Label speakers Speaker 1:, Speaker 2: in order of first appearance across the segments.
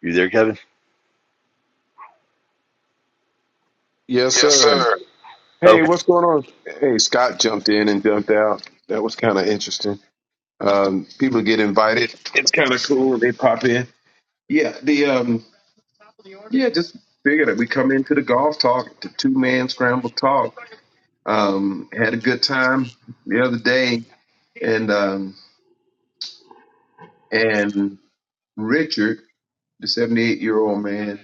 Speaker 1: You there, Kevin?
Speaker 2: Yes,
Speaker 1: Yes,
Speaker 2: sir.
Speaker 1: sir.
Speaker 2: Hey,
Speaker 1: Okay.
Speaker 2: what's going on? Hey, Scott jumped in and jumped out. That was kind of interesting. Um, people get invited. It's kind of cool. when They pop in. Yeah, the um, yeah, just figured that we come into the golf talk, the two man scramble talk. Um, had a good time the other day, and um, and Richard, the seventy eight year old man,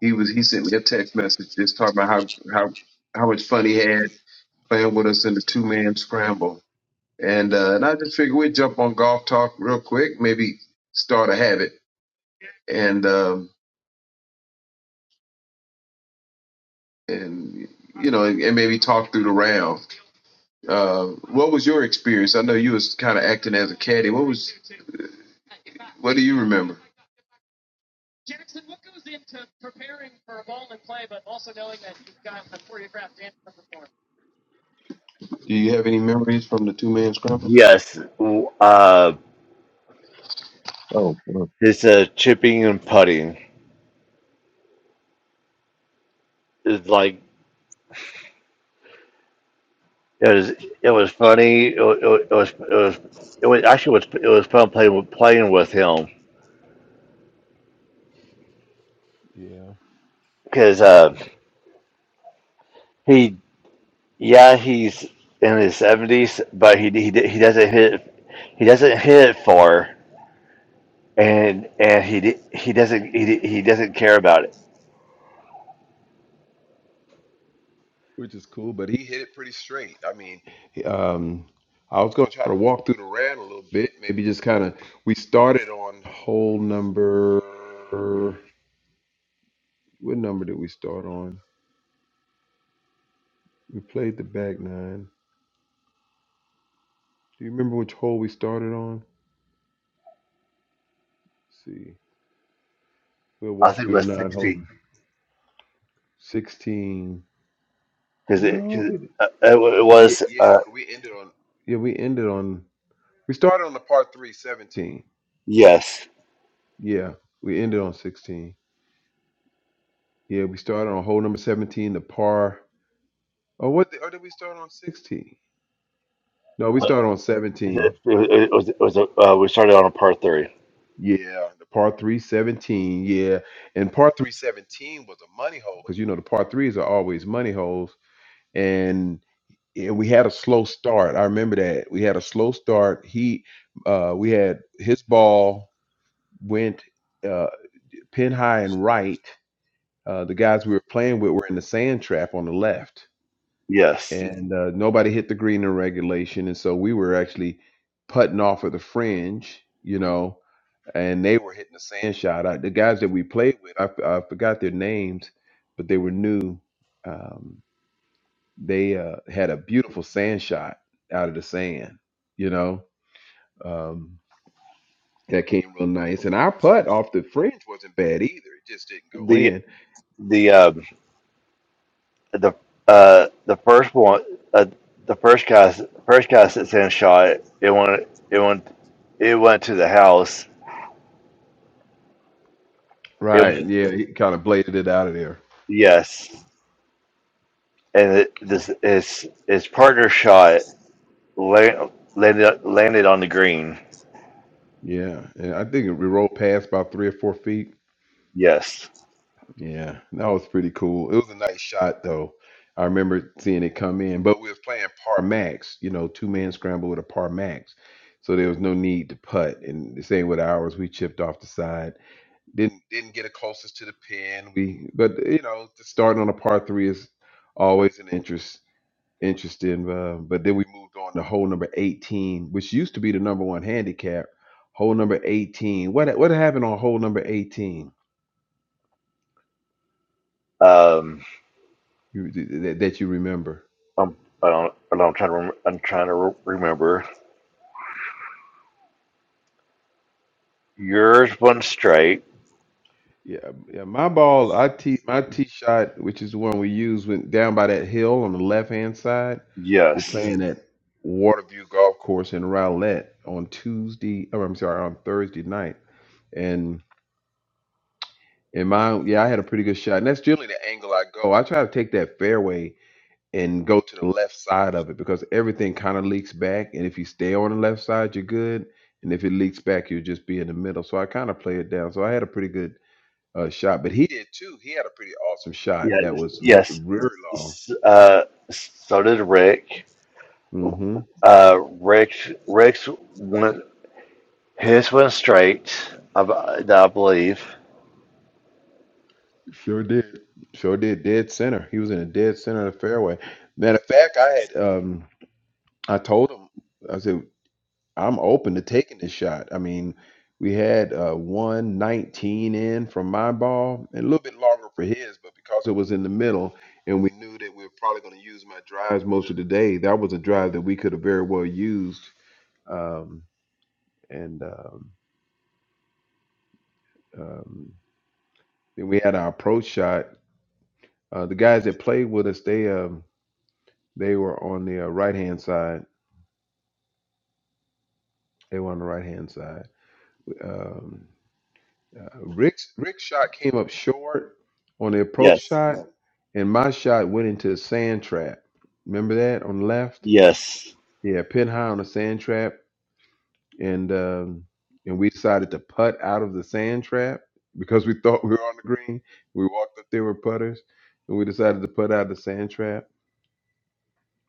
Speaker 2: he was he sent me a text message just talking about how how how much fun he had playing with us in the two man scramble And uh, and I just figured we'd jump on golf talk real quick, maybe start a habit, and um, and you know, and, and maybe talk through the round. Uh, what was your experience? I know you was kind of acting as a caddy. What was what do you remember? Do you have any memories from the two man scramble?
Speaker 1: Yes. Uh,
Speaker 2: Oh, well,
Speaker 1: it's uh, chipping and putting. It's like it was. It was funny. It, wa- it, was. It was. It was actually was. It was fun playing with playing with him
Speaker 2: yeah,
Speaker 1: because uh, he. Yeah, he's in his seventies, but he he he doesn't hit. He doesn't hit far, and and he di- he doesn't he di- he doesn't care about it.
Speaker 2: which is cool. But he hit it pretty straight. I mean, he- um, I was gonna try to walk through the round a little bit. Maybe just kind of. We started on hole number. What number did we start on? We played the back nine. Do you remember which hole we started on? Let's see. We'll
Speaker 1: I
Speaker 2: walk
Speaker 1: think it
Speaker 2: through
Speaker 1: was
Speaker 2: the nine hole.
Speaker 1: sixteen
Speaker 2: 16.
Speaker 1: because it,
Speaker 2: No.
Speaker 1: 'cause,
Speaker 2: we
Speaker 1: uh, it wa- it
Speaker 2: Yeah,
Speaker 1: was
Speaker 2: yeah,
Speaker 1: uh
Speaker 2: because we ended on. Yeah, we ended on. We started on the part three, seventeen.
Speaker 1: yes
Speaker 2: Yeah, we ended on 16. Yeah, we started on hole number 17, the par. Oh, what? The, or did we start on 16? No, we started on 17.
Speaker 1: It, it- it was, it was a, uh, we started on a par three.
Speaker 2: Yeah, the par three seventeen. Yeah, and par three seventeen was a money hole because you know the par threes are always money holes, and yeah, we had a slow start. I remember that we had a slow start. He, uh, we had his ball went uh, pin high and right. Uh, the guys we were playing with were in the sand trap on the left,
Speaker 1: Yes,
Speaker 2: and uh, nobody hit the green in regulation, and so we were actually putting off of the fringe, you know and they were hitting the sand shot. I, the guys that we played with, I, f- I forgot their names, but they were new. Um, they uh, had a beautiful sand shot out of the sand, you know, um, that came real nice. And our putt off the fringe wasn't bad either. It just didn't go
Speaker 1: the
Speaker 2: in.
Speaker 1: the um, the uh, the first one, uh, the first cast, first cast that Sam shot, it went, it went, it went to the house. It
Speaker 2: Right.
Speaker 1: was
Speaker 2: Yeah. He kind of bladed it out of there.
Speaker 1: yes, and it, this his his partner shot la- landed landed on the green.
Speaker 2: Yeah. And I think we rolled past about three or four feet.
Speaker 1: Yes,
Speaker 2: Yeah, that was pretty cool. It was a nice shot though. I remember seeing it come in, but we was playing par max, you know, two man scramble with a par max. So there was no need to putt. And the same with ours, we chipped off the side. Didn't didn't get it closest to the pin. We but you know, just starting on a par three is always an interest interesting. Uh, but then we moved on to hole number eighteen, which used to be the number one handicap. Hole number eighteen. What what happened on hole number eighteen?
Speaker 1: um,
Speaker 2: You, that, that you remember?
Speaker 1: I'm, I don't, I don't- I'm trying to, rem- I'm trying to re- remember. Yours went straight.
Speaker 2: Yeah, yeah. My ball, I tee my tee shot, which is the one we use, went down by that hill on the left hand side. We're
Speaker 1: Yes.
Speaker 2: playing at Waterview Golf Course in Rowlett on Tuesday. Oh, I'm sorry, on Thursday night. And and my yeah, I had a pretty good shot. And that's generally the angle I go. I try to take that fairway and go to the left side of it because everything kind of leaks back. And if you stay on the left side, you're good. And if it leaks back, you'll just be in the middle. So I kind of play it down. So I had a pretty good uh, shot, but he did too. He had a pretty awesome
Speaker 1: Yeah,
Speaker 2: shot that was l-
Speaker 1: yes.
Speaker 2: very long.
Speaker 1: S- Uh, so did Rick.
Speaker 2: hmm
Speaker 1: Uh, Rick, Rick's went his went straight. I, b- I believe.
Speaker 2: Sure did. Sure did. Dead center. He was in a dead center of the fairway. Matter of fact, I had um, I told him I said I'm open to taking this shot. I mean, we had uh, one nineteen in from my ball and a little bit longer for his, but because it was in the middle and we knew that we were probably going to use my drives most of the day, that was a drive that we could have very well used. Um, and um, um, Then we had our approach shot. Uh, the guys that played with us, they um, they were on the uh, right hand side. They were on the right hand side. Um, uh, Rick's Rick's shot came up short on the approach
Speaker 1: Yes,
Speaker 2: shot, and my shot went into the sand trap. Remember that on the left?
Speaker 1: yes,
Speaker 2: Yeah, pin high on the sand trap, and um, and we decided to putt out of the sand trap because we thought we were on the green. We walked up there with putters, and we decided to putt out of the sand trap.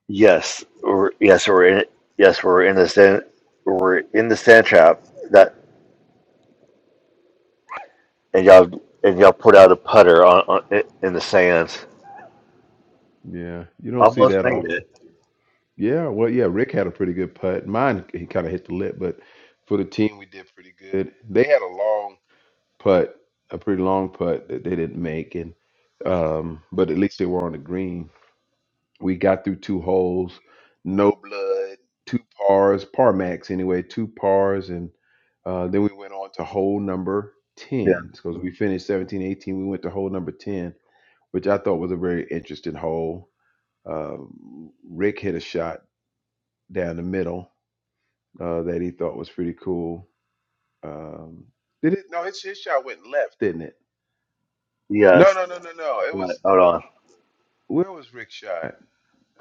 Speaker 1: yes, we're, yes. We're in. Yes, we're in the sand. We're in the sand trap. That and y'all and y'all put out a putter on, on in the sand.
Speaker 2: Yeah, you don't see
Speaker 1: Almost
Speaker 2: that
Speaker 1: made
Speaker 2: often.
Speaker 1: it.
Speaker 2: Yeah, well, yeah, Rick had a pretty good putt. Mine, he kind of hit the lip, but for the team, we did pretty good. They had a long putt, a pretty long putt that they didn't make, and um, but at least they were on the green. We got through two holes, no blood, two pars, par max anyway, two pars, and uh, then we went on to hole number
Speaker 1: Yeah.
Speaker 2: 10 because we finished 17, 18. We went to hole number 10, which I thought was a very interesting hole. Um, Rick hit a shot down the middle uh, that he thought was pretty cool. Um, did it? No, his, his shot went left, didn't it? No,
Speaker 1: Yes.
Speaker 2: no, no, no, no. It
Speaker 1: Right,
Speaker 2: was
Speaker 1: hold on.
Speaker 2: where was Rick's shot?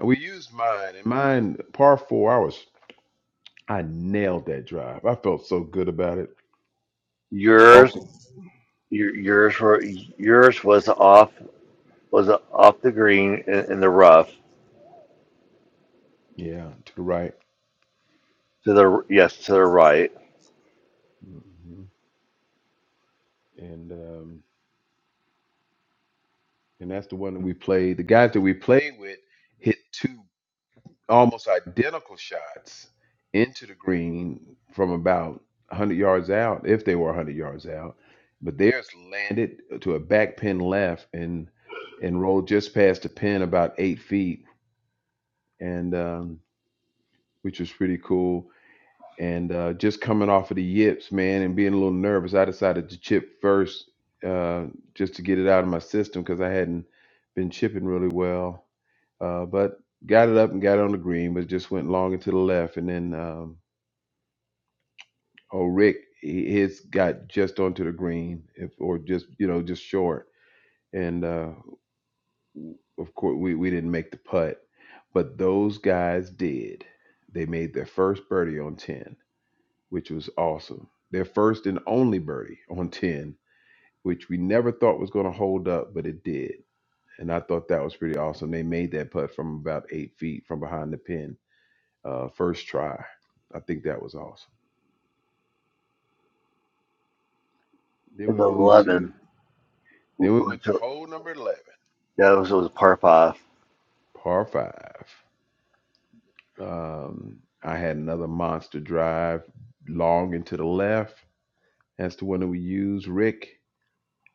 Speaker 2: We used mine, and mine par four. I was I nailed that drive. I felt so good about it. Off
Speaker 1: Yours,
Speaker 2: the
Speaker 1: your, yours were yours was off was off the green in, in the rough
Speaker 2: yeah to the right,
Speaker 1: to the yes to the right
Speaker 2: hmm and um, and that's the one that we played. The guys that we played with hit two almost identical shots into the green from about 100 yards out, if they were 100 yards out. But theirs landed to a back pin left and and rolled just past the pin about eight feet, and um, which was pretty cool and uh, just coming off of the yips, man, and being a little nervous, I decided to chip first uh, just to get it out of my system because I hadn't been chipping really well. Uh, but got it up and got it on the green, but just went long and to the left. And then, um, oh, Rick, he- his got just onto the green, if, or just you know, just short. And uh, of course, we we didn't make the putt, but those guys did. They made their first birdie on ten which was awesome. Their first and only birdie on 10, which we never thought was going to hold up, but it did. And I thought that was pretty awesome. They made that putt from about eight feet from behind the pin, uh, first try. I think that was awesome. Then
Speaker 1: in
Speaker 2: we
Speaker 1: the
Speaker 2: moved to,
Speaker 1: eleven.
Speaker 2: then we
Speaker 1: went
Speaker 2: went to
Speaker 1: to-
Speaker 2: hole number 11,
Speaker 1: That was was a par five.
Speaker 2: par five. Um, I had another monster drive long into the left. That's the one that we used. Rick,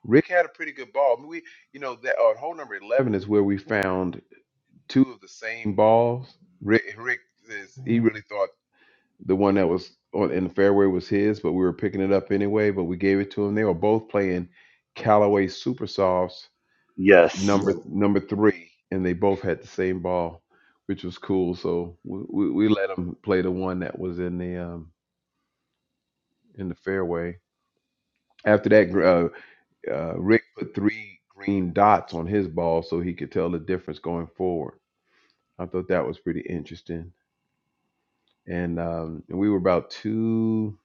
Speaker 2: Rick had a pretty good ball. I mean, we, you know, that on hole number 11 is where we found two of the same balls. Rick, Rick says he really thought the one that was on in the fairway was his, but we were picking it up anyway. But we gave it to him. They were both playing Callaway Super Softs
Speaker 1: Yes,
Speaker 2: number number three, and they both had the same ball, which was cool. So we, we, we let them play the one that was in the um, in the fairway. After that, uh, uh, Rick put three green dots on his ball so he could tell the difference going forward. I thought that was pretty interesting. and um, and we were about two.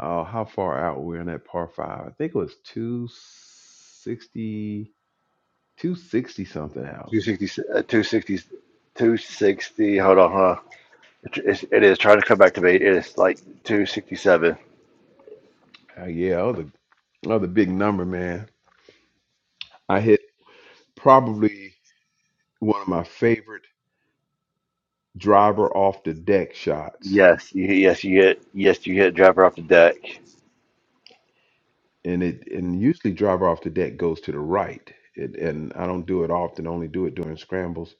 Speaker 2: Oh, how far out we were in that par five? I think it was two sixty, two sixty something out.
Speaker 1: 260, uh, 260, Hold on, hold on. It's, it is trying to come back to me. It is like two sixty seven.
Speaker 2: Uh, yeah, that was, a, that was a big number, man. I hit probably one of my favorite driver off the deck shots,
Speaker 1: Yes, you, yes, you hit. Yes, you hit. Driver off the deck.
Speaker 2: and it and usually driver off the deck goes to the right. It, and I don't do it often; only do it during scrambles.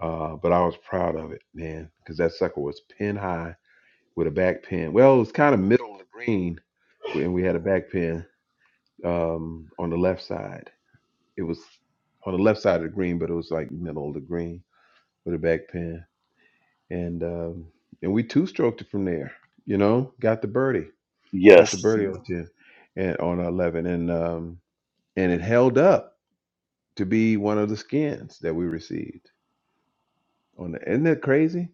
Speaker 2: Uh, but I was proud of it, man, because that sucker was pin high with a back pin. Well, it was kind of middle of the green, and we had a back pin um, on the left side. It was on the left side of the green, but it was like middle of the green with a back pin, and um, and we two stroked it from there. You know, got the birdie, got the
Speaker 1: Yes,
Speaker 2: birdie on ten, and on eleven, and um, and it held up to be one of the skins that we received. on the isn't that crazy?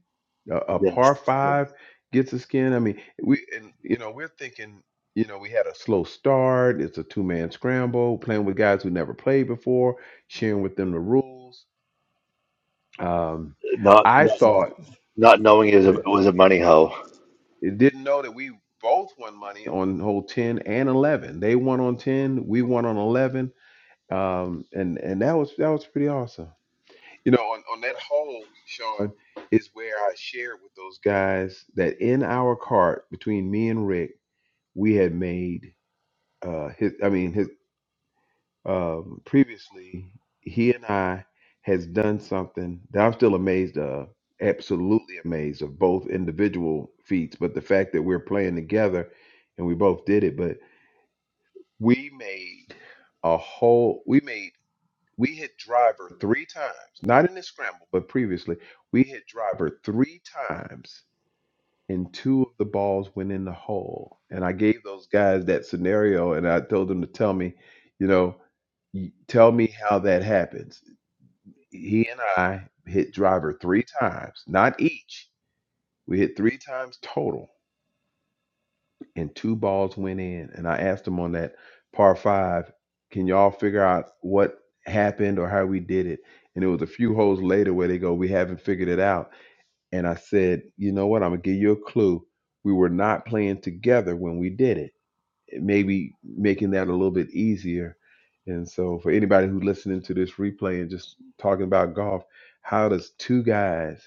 Speaker 2: A, a
Speaker 1: yes.
Speaker 2: par five gets a skin. I mean, we and, you know we're thinking you know we had a slow start. It's a two man scramble, playing with guys who never played before, sharing with them the rules. Um,
Speaker 1: Not
Speaker 2: I
Speaker 1: not,
Speaker 2: thought
Speaker 1: not knowing it was
Speaker 2: Go
Speaker 1: a, it was a money hole.
Speaker 2: it didn't know that we both won money on hole 10 and 11 they won on 10 we won on 11 um and and that was that was pretty awesome You know, on, on that whole, Sean, is where I shared with those guys that in our cart between me and Rick, we had made uh his I mean his um previously he and I has done something that I'm still amazed of, absolutely amazed of both individual feats, but the fact that we're playing together and we both did it, but we made a whole we made we hit driver three times, not in the scramble, but previously. We hit driver three times, and two of the balls went in the hole. And I gave those guys that scenario, and I told them to tell me, you know, y- tell me how that happens. He and I hit driver three times, not each. We hit three times total and two balls went in. And I asked them on that par five, can y'all figure out what happened or how we did it? And it was a few holes later where they go, we haven't figured it out. And I said, you know what? I'm gonna give you a clue. We were not playing together when we did it. It Maybe making that a little bit easier. And so, for anybody who's listening to this replay and just talking about golf, how does two guys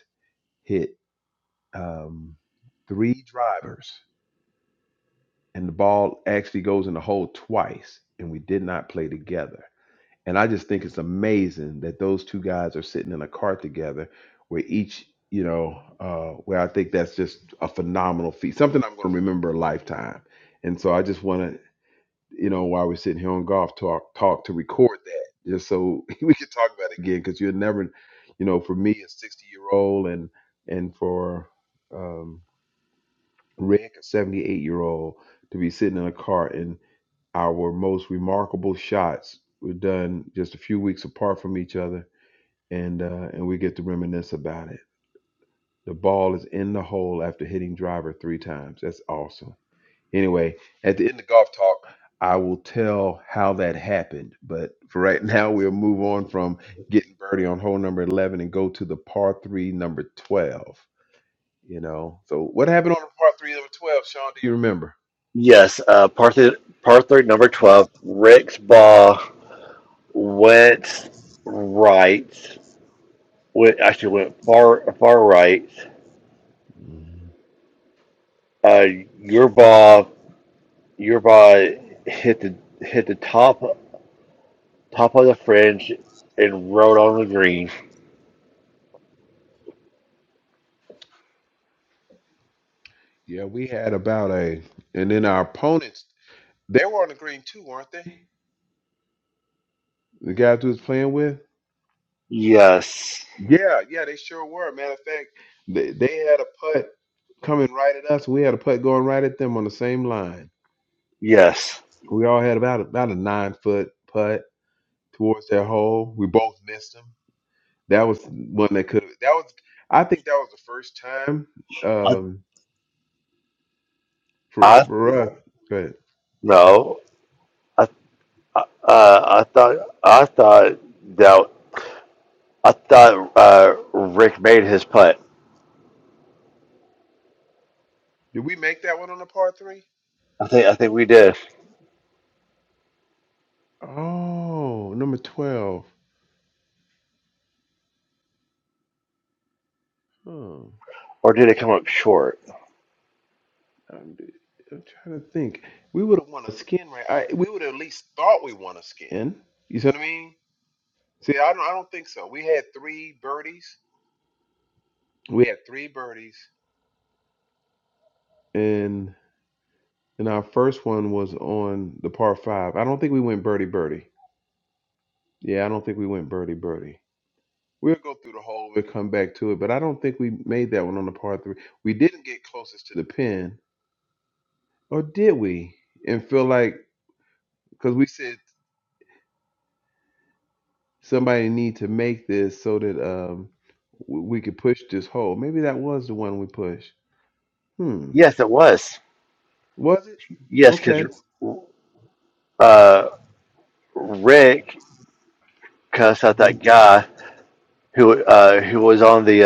Speaker 2: hit um, three drivers? and the ball actually goes in the hole twice, and we did not play together. And I just think it's amazing that those two guys are sitting in a car together, where each, you know, uh, where I think that's just a phenomenal feat, something I'm going to remember a lifetime. And so I just want to, you know, while we're sitting here on golf talk, talk to record that, just so we can talk about it again, because you'll never, you know, for me a 60 year old, and and for um, Rick a 78 year old to be sitting in a car and our most remarkable shots were done just a few weeks apart from each other, and uh, and we get to reminisce about it. The ball is in the hole after hitting driver three times. That's awesome. Anyway, at the end of golf talk, I will tell how that happened. But for right now, we'll move on from getting birdie on hole number eleven and go to the par three number twelve. You know, so what happened on the par three number twelve, Sean? Do you remember?
Speaker 1: Yes, uh, par three, par three, number twelve. Rick's ball. went right, went, actually went far far right.
Speaker 2: Mhm.
Speaker 1: Uh, your ball, your ball hit the hit the top top of the fringe and rode on the green.
Speaker 2: Yeah, we had about a, and then our opponents They were on the green too, weren't they? The guys we was playing with.
Speaker 1: Yes,
Speaker 2: Yeah, yeah, they sure were. Matter of fact, they, they had a putt coming right at us. We had a putt going right at them on the same line.
Speaker 1: yes.
Speaker 2: We all had about about a nine foot putt towards their hole. We both missed them. That was one that could. That was, I think, that was the first time.
Speaker 1: I,
Speaker 2: Um, for
Speaker 1: I
Speaker 2: for us. But
Speaker 1: no. I, I, uh, I thought I thought that I thought uh, Rick made his putt.
Speaker 2: Did we make that one on the par three?
Speaker 1: I think I think we did,
Speaker 2: oh, number twelve. Huh.
Speaker 1: or did it come up short?
Speaker 2: I'm, I'm trying to think. We would have won a skin, right? I, we would have at least thought we won a skin. You see what I mean? See, I don't. I don't think so. We had three birdies. We had three birdies, and and our first one was on the par five. I don't think we went birdie birdie. Yeah, I don't think we went birdie birdie. We'll go through the hole. We'll come back to it, but I don't think we made that one on the par three. We didn't get closest to the pin, or did we? And feel like because we said somebody need to make this so that um w- we could push this hole. Maybe that was the one we pushed. Hmm.
Speaker 1: Yes, it was.
Speaker 2: Was it?
Speaker 1: Yes, because
Speaker 2: Okay.
Speaker 1: uh. Rick cussed out
Speaker 2: hmm
Speaker 1: that guy who uh, who was on the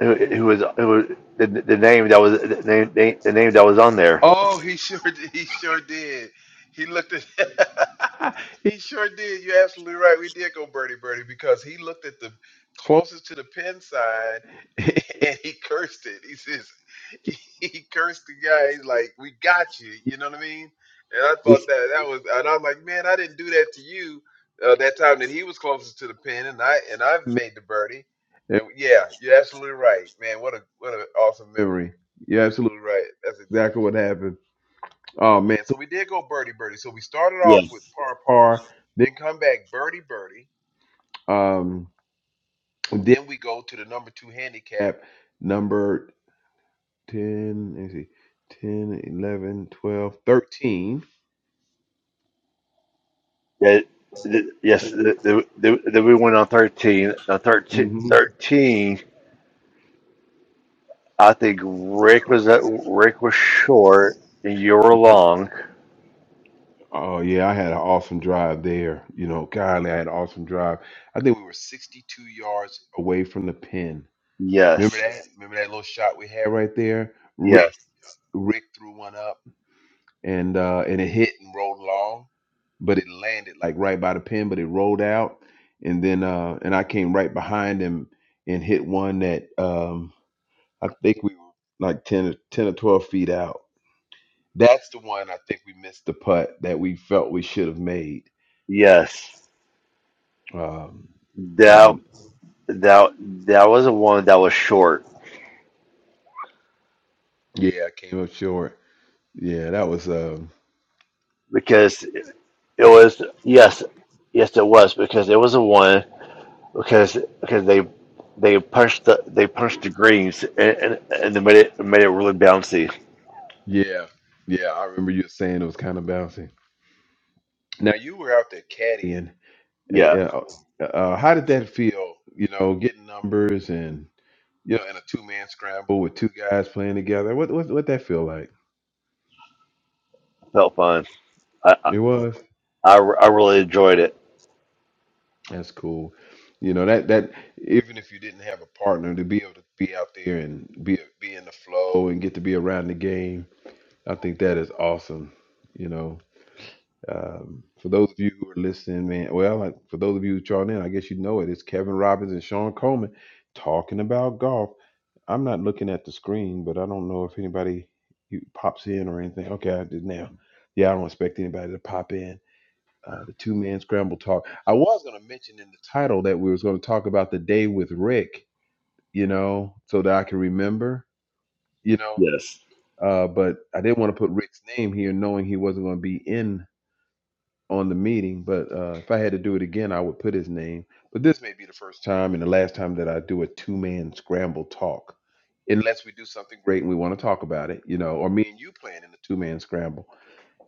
Speaker 1: uh, who, who was who was the, the name that was the name, the name that was on there.
Speaker 2: Oh, he sure did. He sure did. He looked at. he sure did. You're absolutely right. We did go birdie birdie because he looked at the closest to the pin sign and he cursed it. He says he he cursed the guy. He's like, "We got you." You know what I mean? And I
Speaker 1: Yes.
Speaker 2: thought that that was, and I'm like, "Man, I didn't do that to you." Uh, that time that he was closest to the pin, and I and I've made the birdie. And yeah, you're absolutely right, man. What a what an awesome memory. You're absolutely right. That's exactly what happened. Oh man, so we did go birdie birdie. So we started
Speaker 1: Yeah.
Speaker 2: off with par par, then come back birdie birdie. Um, and then we go to the number two handicap, number 10, let me see, 10, 11,
Speaker 1: That that- yes, the, the, the, that we went on thirteen. On thirteen
Speaker 2: hmm
Speaker 1: thirteen. I think Rick was at, Rick was short and you were long.
Speaker 2: Oh yeah, I had an awesome drive there. You know, golly, I had an awesome drive. I think we were 62 yards away from the pin. Remember
Speaker 1: Yes,
Speaker 2: that? Remember that little shot we had right there? Rick
Speaker 1: yes,
Speaker 2: Rick threw one up. and uh, and it hit and rolled long, but it landed like right by the pin, but it rolled out, and then uh, and I came right behind him and hit one that um, I think we were like 10, or 10 or twelve feet out. That's the one I think we missed the putt that we felt we should have made,
Speaker 1: yes.
Speaker 2: um,
Speaker 1: That
Speaker 2: and
Speaker 1: that that was the one that was short
Speaker 2: yeah, I came up short. Yeah, that was um,
Speaker 1: because It was yes, yes, it was because it was a one because because they they punched the they punched the greens and and, and they made it made it really bouncy.
Speaker 2: yeah, yeah. I remember you saying it was kind of bouncy. Now you were out there caddying. Uh,
Speaker 1: Yeah,
Speaker 2: yeah, uh, uh, how did that feel? You know, getting numbers and you know, in a two man scramble with two guys playing together. What what what that feel like?
Speaker 1: felt fun. I I,
Speaker 2: It was.
Speaker 1: I re- I really enjoyed it.
Speaker 2: That's cool. You know that that even if you didn't have a partner to be able to be out there and be be in the flow and get to be around the game, I think that is awesome. You know. Um, for those of you who are listening, man, well, like, for those of you who tuned in, I guess you know it. It's Kevin Robbins and Sean Coleman talking about golf. I'm not looking at the screen, but I don't know if anybody pops in or anything. Okay, I did now. Yeah, I don't expect anybody to pop in. Uh, the two man scramble talk. I was going to mention in the title that we was going to talk about the day with Rick, you know, so that I can remember, you know,
Speaker 1: Yes.
Speaker 2: uh, but I didn't want to put Rick's name here, knowing he wasn't going to be in on the meeting, but uh, if I had to do it again, I would put his name. But this may be the first time and the last time that I do a two man scramble talk, unless we do something great and we want to talk about it, you know, or me and you playing in a two man scramble.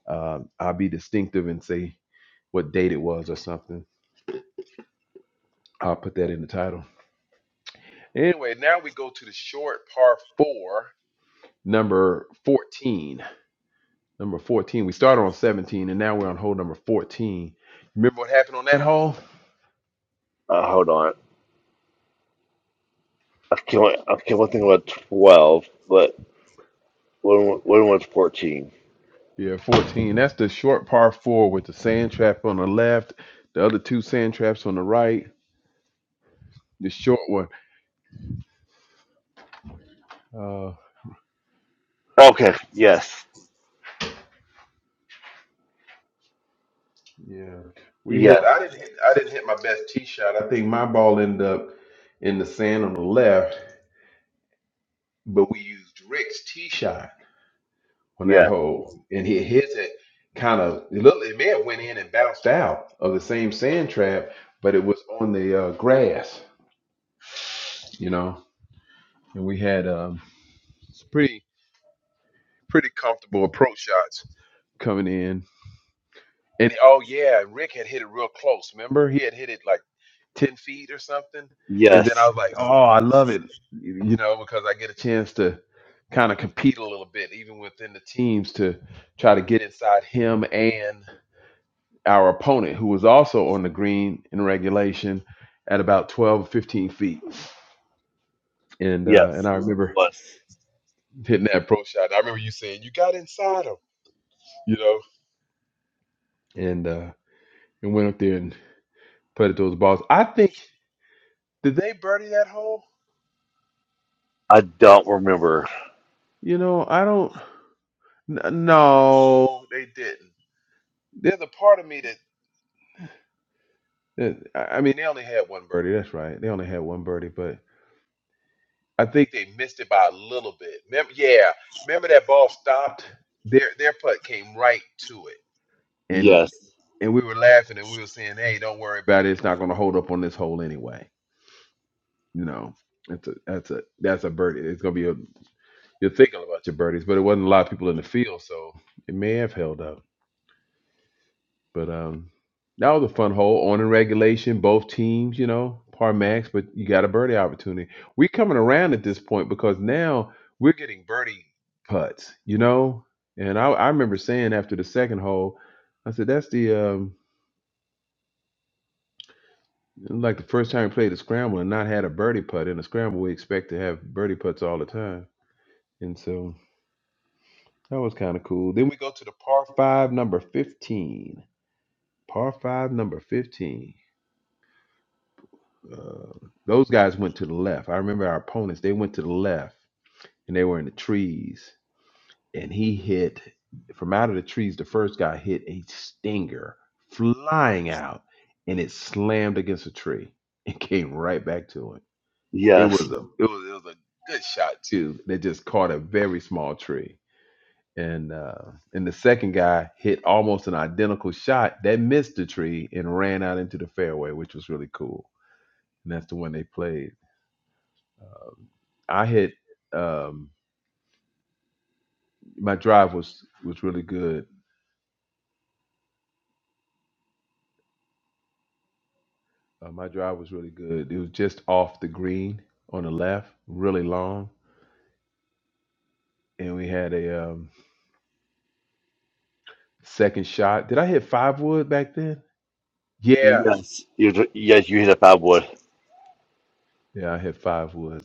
Speaker 2: Um, I'll be distinctive and say what date it was or something. I'll put that in the title. Anyway, now we go to the short par four, number 14. Number 14. We started on 17 and now we're on hole number 14. Remember what happened on that hole?
Speaker 1: Uh, hold on. I can't I can't really think about twelve, but when when was fourteen?
Speaker 2: Yeah, 14. That's the short par four with the sand trap on the left, the other two sand traps on the right, the short one. Uh
Speaker 1: Okay. Yes.
Speaker 2: yeah. We hit
Speaker 1: Yes.
Speaker 2: I didn't hit I didn't hit my best tee shot. I think my ball ended up in the sand on the left, but we used Rick's tee shot on that
Speaker 1: Yes.
Speaker 2: hole. And he hit it kind of it looked it may have went in and bounced out of the same sand trap, but it was on the uh, grass, you know. And we had um it's pretty pretty comfortable approach shots. coming in. And oh yeah, Rick had hit it real close. Remember, he had hit it like ten feet or something. And then I
Speaker 1: Yes.
Speaker 2: was like, oh, I love it, you know, because I get a chance to kind of compete a little bit, even within the teams, to try to get inside him and our opponent, who was also on the green in regulation at about 12 15 feet. And uh, and
Speaker 1: Yes.
Speaker 2: I
Speaker 1: It
Speaker 2: remember
Speaker 1: was.
Speaker 2: hitting that pro shot. I remember you saying you got inside him, you know, and uh, and went up there and putted those balls. I think. Did they birdie that hole?
Speaker 1: I don't remember.
Speaker 2: You know, I don't. n- No, they didn't. There's a part of me that, that I I mean, they only had one birdie. That's right. They only had one birdie, but I think they missed it by a little bit. Remember, yeah, remember that ball stopped. Their their putt came right to it, and
Speaker 1: Yes.
Speaker 2: and we were laughing and we were saying, "Hey, don't worry about it. It's not going to hold up on this hole anyway." You know, that's a that's a that's a birdie. It's going to be a you're thinking about your birdies, but it wasn't a lot of people in the field, so it may have held up. But um, that was a fun hole. On in regulation, both teams, you know, par max, but you got a birdie opportunity. We're coming around at this point because now we're getting birdie putts, you know. And I, I remember saying after the second hole, I said, that's the um, like the first time we played a scramble and not had a birdie putt. In a scramble, we expect to have birdie putts all the time. And so that was kind of cool. Then we go to the par five, number 15. Par five, number 15. Uh, those guys went to the left. I remember our opponents, they went to the left and they were in the trees. And he hit from out of the trees. The first guy hit a stinger flying out and it slammed against a tree and came right back to him. It
Speaker 1: Yes.
Speaker 2: was a it was it was a good shot too. That just caught a very small tree. And uh and the second guy hit almost an identical shot that missed the tree and ran out into the fairway, which was really cool. And that's the one they played. I hit um, my drive was was really good. Uh, my drive was really good. It was just off the green on the left, really long, and we had a um, second shot. Did I hit five wood back then? Yeah,
Speaker 1: Yes. You yes, you hit a bad word.
Speaker 2: yeah, I hit five wood.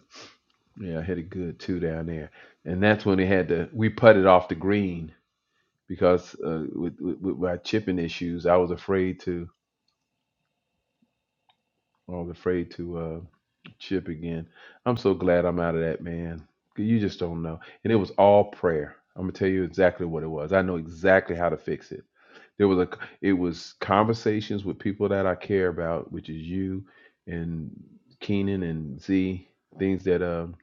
Speaker 2: Yeah, I hit a good two down there, and that's when they had to we putted off the green because uh, with, with with my chipping issues, I was afraid to I was afraid to uh, chip again. I'm so glad I'm out of that, man. You just don't know. And it was all prayer. I'm gonna tell you exactly what it was. I know exactly how to fix it. There was a it was conversations with people that I care about, which is you and Keenan and Z. Things that um,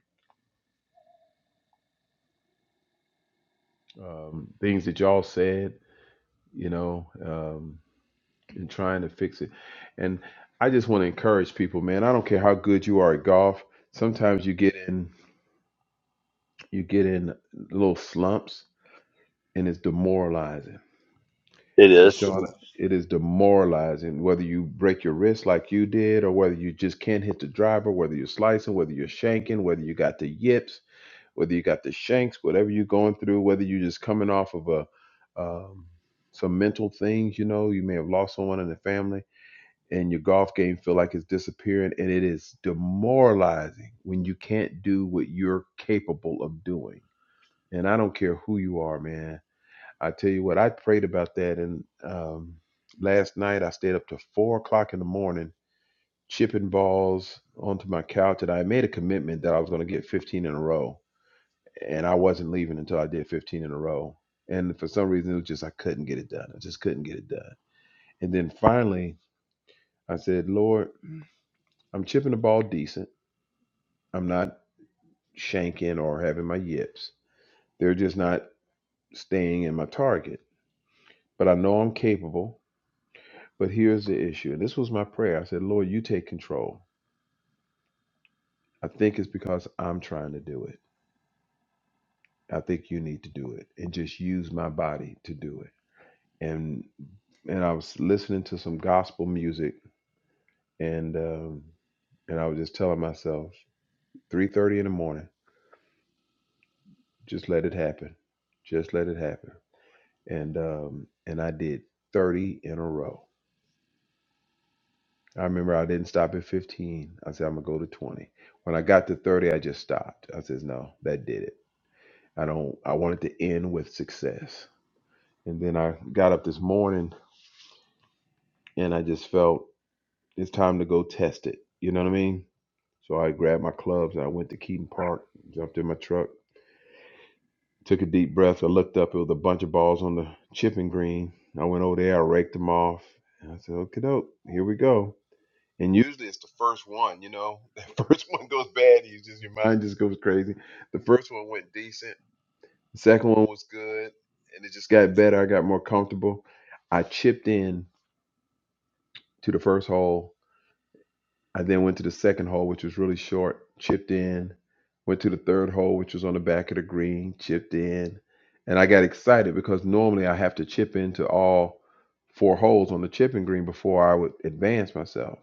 Speaker 2: um things that y'all said, you know, um, and trying to fix it. And I just want to encourage people, man. I don't care how good you are at golf. Sometimes you get in. You get in little slumps and it's demoralizing.
Speaker 1: It
Speaker 2: You
Speaker 1: is.
Speaker 2: Sean, it is demoralizing whether you break your wrist like you did or whether you just can't hit the driver, whether you're slicing, whether you're shanking, whether you got the yips, whether you got the shanks, whatever you're going through, whether you're just coming off of a um, some mental things, you know, you may have lost someone in the family and your golf game feel like it's disappearing and it is demoralizing when you can't do what you're capable of doing and I don't care who you are, man. I tell you what, I prayed about that. And um, last night I stayed up to four o'clock in the morning chipping balls onto my couch. And I made a commitment that I was going to get 15 in a row. And I wasn't leaving until I did 15 in a row. And for some reason, it was just I couldn't get it done. I just couldn't get it done. And then finally, I said, Lord, I'm chipping the ball decent. I'm not shanking or having my yips. They're just not staying in my target. But I know I'm capable But here's the issue. And this was my prayer. I said, Lord, you take control. I think it's because I'm trying to do it. I think you need to do it and just use my body to do it. And and I was listening to some gospel music and um and I was just telling myself, 3:30 in the morning, just let it happen. Just let it happen. And um and I did 30 in a row. I remember I didn't stop at 15. I said I'm going to go to 20. When I got to 30, I just stopped. I says, "No, that did it." I don't I wanted to end with success. And then I got up this morning and I just felt it's time to go test it. You know what I mean? So I grabbed my clubs and I went to Keaton Park, jumped in my truck, took a deep breath. I looked up, it was a bunch of balls on the chipping green. I went over there, I raked them off. And I said, okay, doke, here we go. And usually it's the first one, you know. The first one goes bad, you just your mind just goes crazy. The first one went decent. The second one was good, and it just got better. I got more comfortable. I chipped in to the first hole. I then went to the second hole, which was really short. Chipped in. Went to the third hole, which was on the back of the green. Chipped in, and I got excited because normally I have to chip into all four holes on the chipping green before I would advance myself.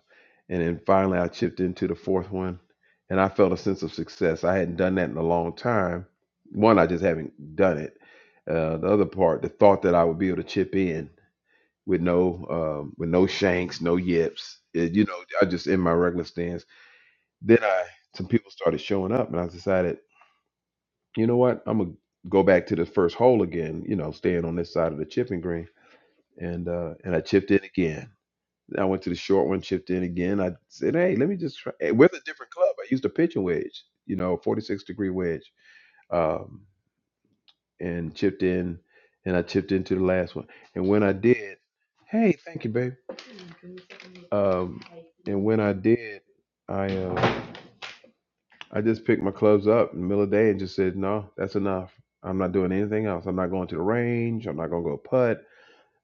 Speaker 2: And then finally I chipped into the fourth one and I felt a sense of success. I hadn't done that in a long time. One, I just haven't done it. Uh, the other part, the thought that I would be able to chip in with no um, with no shanks, no yips. It- you know, I just in my regular stance. Then I some people started showing up and I decided, you know what, I'm gonna go back to the first hole again, you know, staying on this side of the chipping green. And uh and I chipped in again I went to the short one, chipped in again. I said, hey, let me just try eh, with a different club. I used a pitching wedge, you know, 46 degree wedge, um, and chipped in, and I chipped into the last one. And when I did, hey, thank you, babe. Um, and when I did, I uh, I just picked my clubs up in the middle of the day and just said, no, that's enough. I'm not doing anything else. I'm not going to the range. I'm not going to go putt.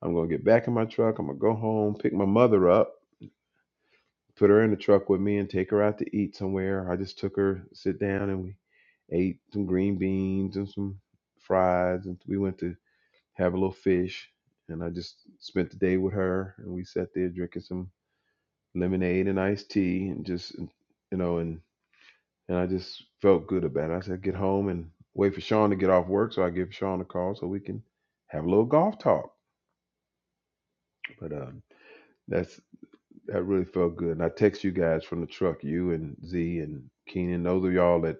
Speaker 2: I'm going to get back in my truck. I'm going to go home, pick my mother up put her in the truck with me and take her out to eat somewhere. I just took her, sit down, and we ate some green beans and some fries, and we went to have a little fish. And I just spent the day with her, and we sat there drinking some lemonade and iced tea, and just you know, and and I just felt good about it. I said, get home and wait for Sean to get off work, so I give Sean a call so we can have a little golf talk. But um, that's That really felt good. And I text you guys from the truck, you and Z and Keenan. Those of y'all that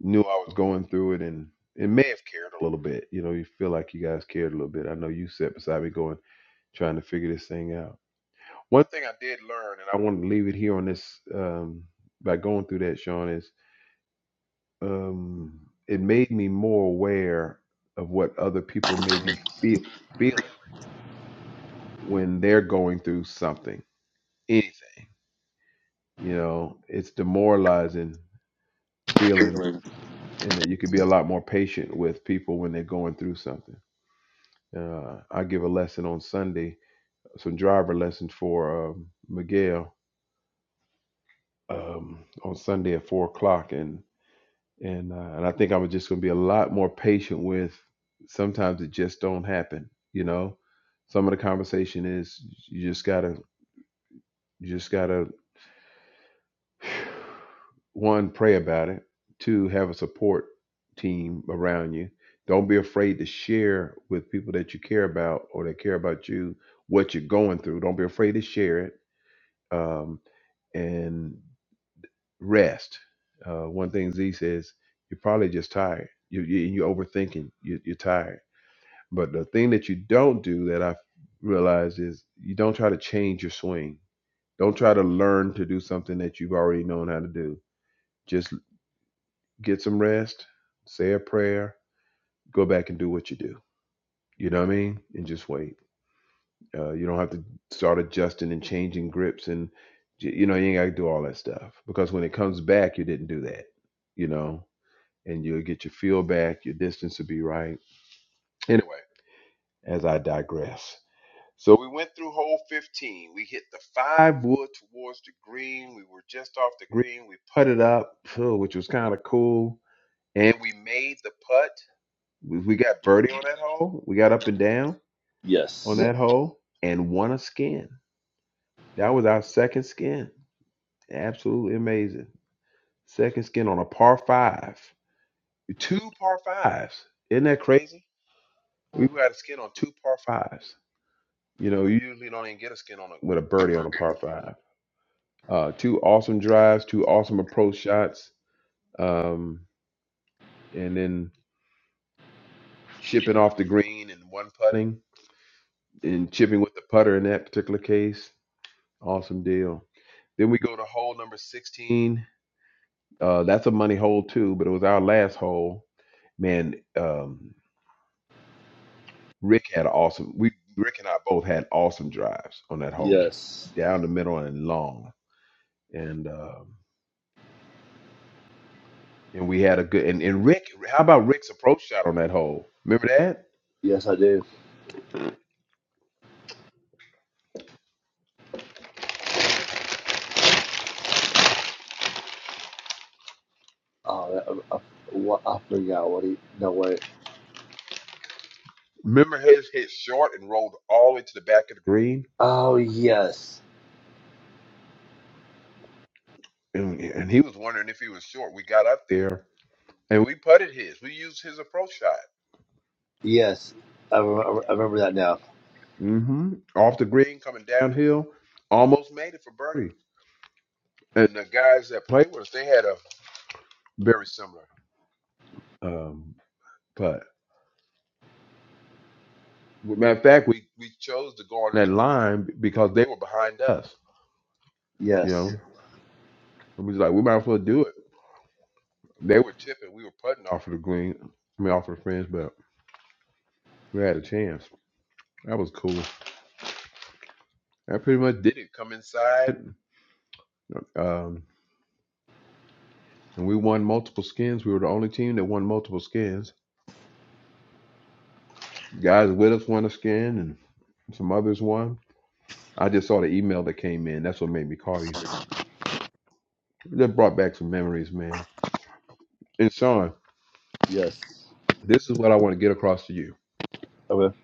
Speaker 2: knew I was going through it and it may have cared a little bit. You know, you feel like you guys cared a little bit. I know you sat beside me going, trying to figure this thing out. One thing I did learn, and I want to leave it here on this um, by going through that, Sean, is um, it made me more aware of what other people may be feel, feeling when they're going through something, anything. You know, it's demoralizing feeling
Speaker 1: Healing.
Speaker 2: and that you could be a lot more patient with people when they're going through something. Uh, I give a lesson on Sunday, some driver lessons for um, Miguel um, on Sunday at four o'clock, and and uh, and I think I'm just going to be a lot more patient with. Sometimes it just don't happen, you know. Some of the conversation is you just gotta you just gotta one, pray about it. Two, have a support team around you. Don't be afraid to share with people that you care about or that care about you what you're going through. Don't be afraid to share it. Um, and rest. Uh, one thing Z says, you're probably just tired. You, you, you're overthinking. You, you're tired. But the thing that you don't do that I've realized is you don't try to change your swing. Don't try to learn to do something that you've already known how to do Just get some rest, say a prayer, go back and do what you do. You know what I mean? And just wait. Uh, you don't have to start adjusting and changing grips and you know you ain't got to do all that stuff because when it comes back, you didn't do that. You know, and you'll get your feel back. Your distance will be right. Anyway, as I digress. So we went through hole 15. We hit the five wood towards the green. We were just off the green. We putted up, which was kind of cool. And we made the putt We, we got birdie on that hole. We got up and down on
Speaker 1: Yes.
Speaker 2: that hole and won a skin. That was our second skin. Absolutely amazing. Second skin on a par five. Two par fives. Isn't that crazy? We got a skin on two par fives. You know, you usually don't even get a skin on a, with a birdie on a par five. Uh, two awesome drives, two awesome approach shots, um, and then chipping off the green and one putting and chipping with the putter in that particular case. Awesome deal. Then we go to hole number 16. Uh, that's a money hole too, but it was our last hole. Man, um, Rick had an awesome. We Rick and I both had awesome drives on that hole,
Speaker 1: Yes.
Speaker 2: down the middle and long, and um, and we had a good. And, and Rick, how about Rick's approach shot on that hole? Remember that?
Speaker 1: Yes, I do. Oh, I, I, what, I forgot what he. No, wait.
Speaker 2: Remember his hit short and rolled all the way to the back of the green,
Speaker 1: Oh, yes.
Speaker 2: and, and he was wondering if he was short. We got up there and we putted his. We used his approach shot
Speaker 1: Yes. I, remember. I remember that now.
Speaker 2: hmm Off the green, coming downhill, almost made it for birdie. And the guys that played with us, they had a very similar um, putt. Well, Matter of fact, we, we chose to go on that line because they were behind us. You
Speaker 1: Yes.
Speaker 2: know, and we was like, we might as well do it. They were tipping, we were putting off of the green. I mean, off of the fringe, but we had a chance. That was cool. That pretty much did it. Come inside, um, and we won multiple skins. We were the only team that won multiple skins Guys with us won a skin and some others won. I just saw the email that came in. That's what made me call you. That brought back some memories, man. And Sean,
Speaker 1: Yes.
Speaker 2: this is what I want to get across to you.
Speaker 1: Okay.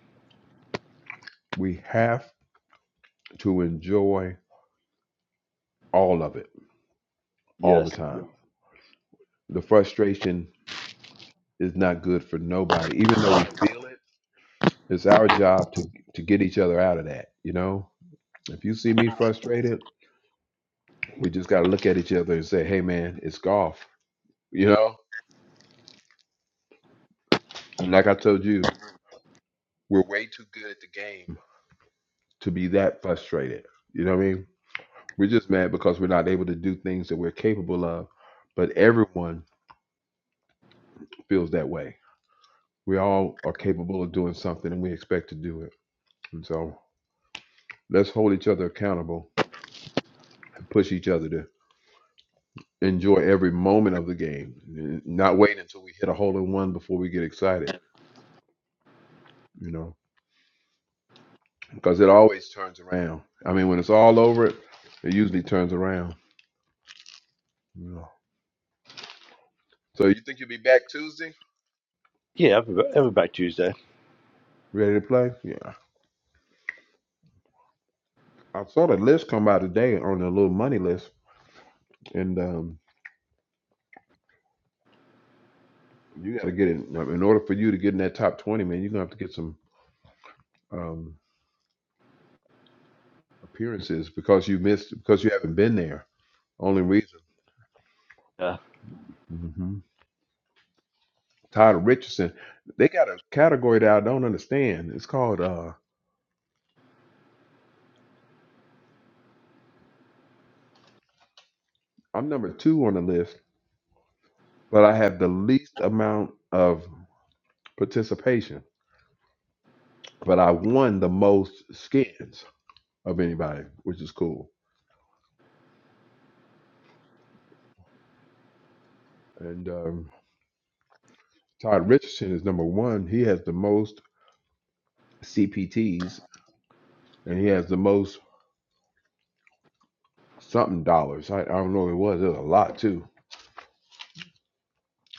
Speaker 2: We have to enjoy all of it all the
Speaker 1: Yes.
Speaker 2: time. The frustration is not good for nobody, even though we feel it. It's our job to, to get each other out of that, you know? If you see me frustrated, we just got to look at each other and say, hey, man, it's golf, you know? And like I told you, we're way too good at the game to be that frustrated. You know what I mean? We're just mad because we're not able to do things that we're capable of, but everyone feels that way. We all are capable of doing something and we expect to do it. And so let's hold each other accountable and push each other to enjoy every moment of the game, not wait until we hit a hole in one before we get excited, you know, because it always turns around. I mean, when it's all over, it usually turns around. You know. So you think you'll be back Tuesday?
Speaker 1: Yeah, every, every back Tuesday.
Speaker 2: Ready to play? Yeah. I saw the list come out today on the little money list, and um, you got to get in. In order for you to get in that top twenty, man, you're gonna have to get some um, appearances because you missed because you haven't been there. Only reason.
Speaker 1: Yeah.
Speaker 2: hmm Tyler Richardson, they got a category that I don't understand. It's called uh, I'm number two on the list, but I have the least amount of participation, but I won the most skins of anybody, which is cool. And um, Todd Richardson is number one. He has the most CPTs and he has the most something dollars. I, I don't know what it was. It was a lot too.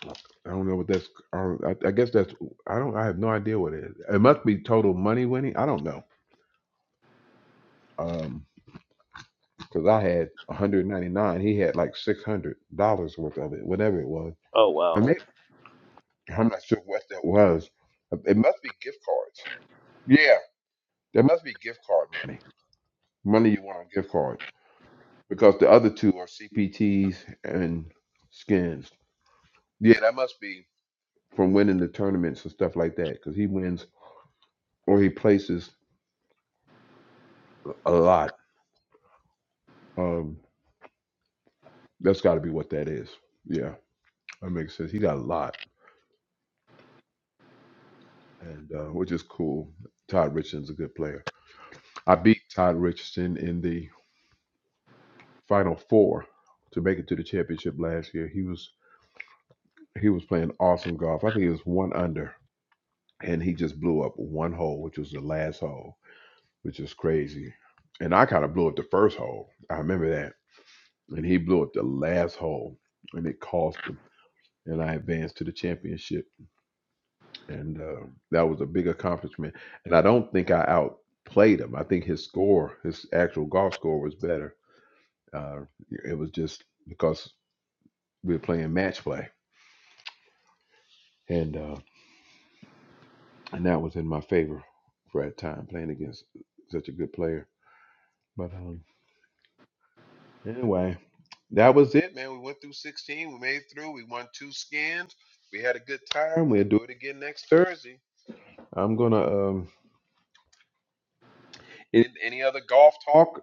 Speaker 2: I don't know what that's. I, I, guess that's. I don't. I have no idea what it is. It must be total money winning. I don't know. Um, because I had 199. He had like 600 dollars worth of it, whatever it was.
Speaker 1: Oh,
Speaker 2: I
Speaker 1: wow.
Speaker 2: may I'm not sure what that was. It must be gift cards. Yeah, there must be gift card money. Money you want on gift cards. because the other two are CPTs and skins. Yeah, that must be from winning the tournaments and stuff like that because he wins or he places a lot. Um, that's got to be what that is. Yeah, that makes sense. He got a lot, and uh, which is cool. Todd Richardson's a good player. I beat Todd Richardson in the final four to make it to the championship last year. He was he was playing awesome golf. I think he was one under, and he just blew up one hole, which was the last hole which is crazy. And I kind of blew up the first hole. I remember that. And he blew up the last hole, and it cost him. And I advanced to the championship, and uh, that was a big accomplishment. And I don't think I outplayed him. I think his score, his actual golf score, was better. Uh, it was just because we were playing match play, and uh, and that was in my favor for that time playing against such a good player. But um, anyway, That was it, man. We went through 16. We made it through. We won two skins. We had a good time. We'll do it again next Thursday. I'm gonna um any, any other golf talk?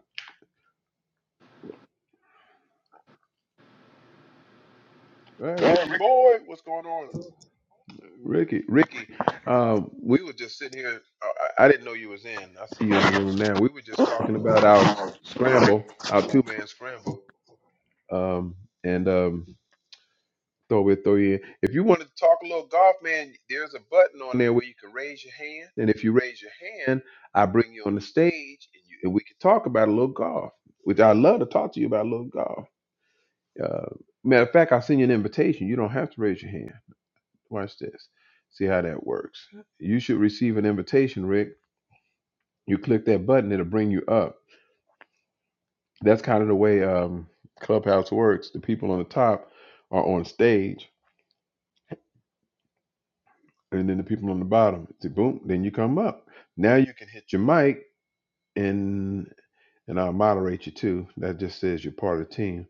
Speaker 2: Hey, Ricky
Speaker 1: Yeah.
Speaker 2: boy, what's going on? Ricky, Ricky, um, we were just sitting here. uh, I, I didn't know you was in. I see you in the room now. We were just talking about our s- scramble, our two man scramble. Um, and um, throw it, throw it. If you want to talk a little golf, man, there's a button on there where you can raise your hand. And if you raise your hand, I bring you on the stage and, you, and we can talk about a little golf, which I love to talk to you about a little golf. Uh, matter of fact, I'll send you an invitation. You don't have to raise your hand. Watch this. See how that works. You should receive an invitation, Rick. You click that button, it'll bring you up. That's kind of the way um, Clubhouse works. The people on the top are on stage and then the people on the bottom. It's a boom, then you come up. Now you can hit your mic and and I'll moderate you too. That just says you're part of the team.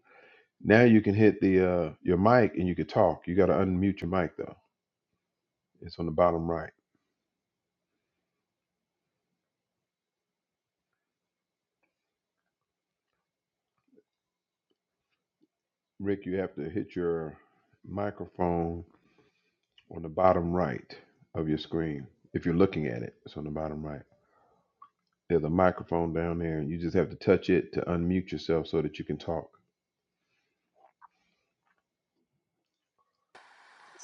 Speaker 2: Now you can hit the uh your mic and you can talk. You gotta unmute your mic though. It's on the bottom right. Rick, you have to hit your microphone on the bottom right of your screen. If you're looking at it, it's on the bottom right. There's a microphone down there and you just have to touch it to unmute yourself so that you can talk.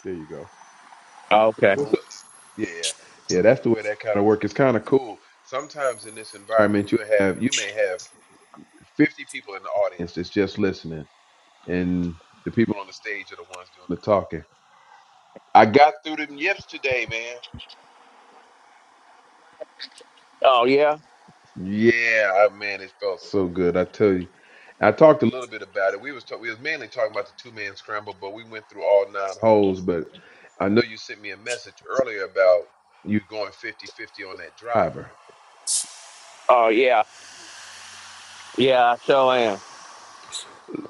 Speaker 2: There you go.
Speaker 3: Okay.
Speaker 2: What's up? Yeah, yeah, yeah. that's the way that kind of work. It's kind of cool. Sometimes in this environment, you have you may have fifty people in the audience that's just listening, and the people on the stage are the ones doing the talking. I got through them yips today, man.
Speaker 3: Oh yeah.
Speaker 2: Yeah, I, man, it felt so good. I tell you, I talked a little bit about it. We was talk, we was mainly talking about the two man scramble, but we went through all nine holes. But I know you sent me a message earlier about you going 50-50 on that driver.
Speaker 3: Oh yeah. Yeah, I sure am.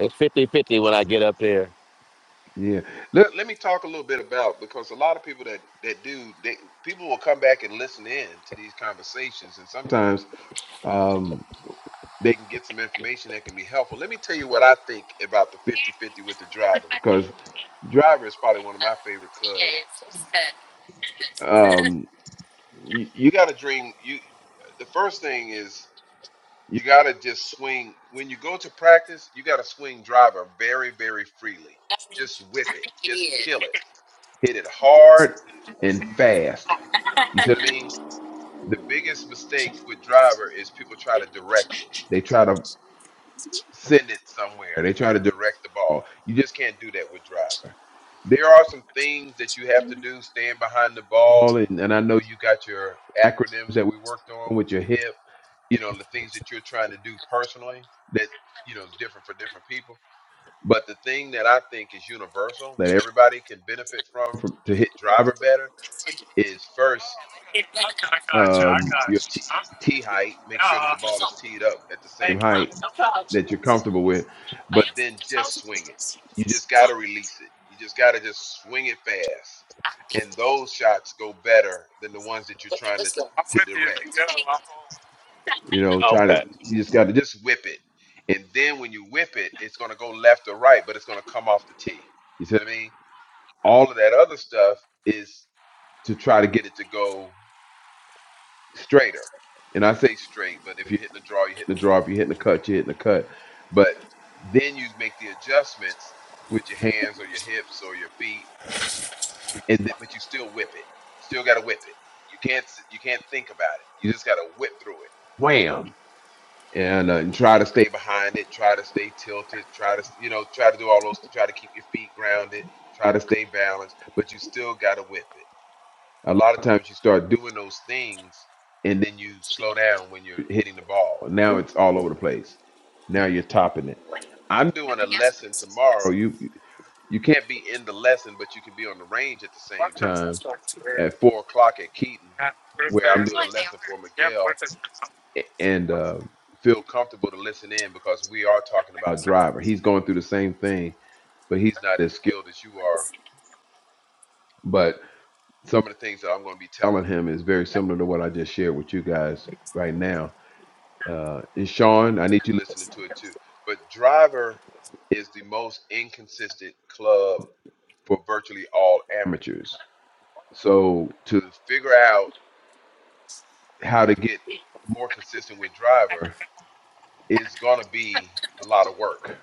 Speaker 3: It's fifty-fifty when I get up there.
Speaker 2: Yeah. Let, let me talk a little bit about because a lot of people that that do they people will come back and listen in to these conversations and sometimes um they can get some information that can be helpful. Let me tell you what I think about the fifty-fifty with the driver because driver is probably one of my favorite clubs. Um you, you got to dream you the first thing is You got to just swing. When you go to practice, you got to swing driver very, very freely. Just whip it. Just kill it. Hit it hard and fast. You see what I mean? The biggest mistake with driver is people try to direct it. They try to send it somewhere. They try to direct the ball. You just can't do that with driver. There are some things that you have to do, stand behind the ball, and, and I know you got your acronyms that we worked on with your hip you know the things that you're trying to do personally that you know is different for different people but the thing that i think is universal that everybody can benefit from, from to hit driver better is first um your tee tee height make sure that the ball is teed up at the same height that you're comfortable with but then just swing it you just got to release it you just got to just swing it fast and those shots go better than the ones that you're trying to to direct You know, try to
Speaker 3: Okay.
Speaker 2: you just got to just whip it, and then when you whip it, it's gonna go left or right, but it's gonna come off the tee. You see what I mean? All of that other stuff is to try to get it to go straighter. And I say straight, but if you're hitting the draw, you're hitting the draw. If you're hitting the cut, you're hitting the cut. But then you make the adjustments with your hands or your hips or your feet, and th- but you still whip it. You still got to whip it. You can't s- you can't think about it. You just got to whip through it. Wham! and, uh, and try to stay behind it, try to stay tilted, try to you know try to do all those try to keep your feet grounded, try to stay balanced, but you still got to whip it. A lot of times you start doing those things and then you slow down when you're hitting the ball. now it's all over the place. Now you're topping it. I'm doing a lesson tomorrow. You you you can't be in the lesson, but you can be on the range at the same time at four o'clock at Keaton, where I'm doing a lesson for Miguel and uh, feel comfortable to listen in because we are talking about a driver. He's going through the same thing, but he's not as skilled as you are. But some of the things that I'm going to be telling him is very similar to what I just shared with you guys right now. Uh, and Sean, I need you listening to it too. But driver is the most inconsistent club for virtually all amateurs. So to figure out how to get more consistent with driver, it's going to be a lot of work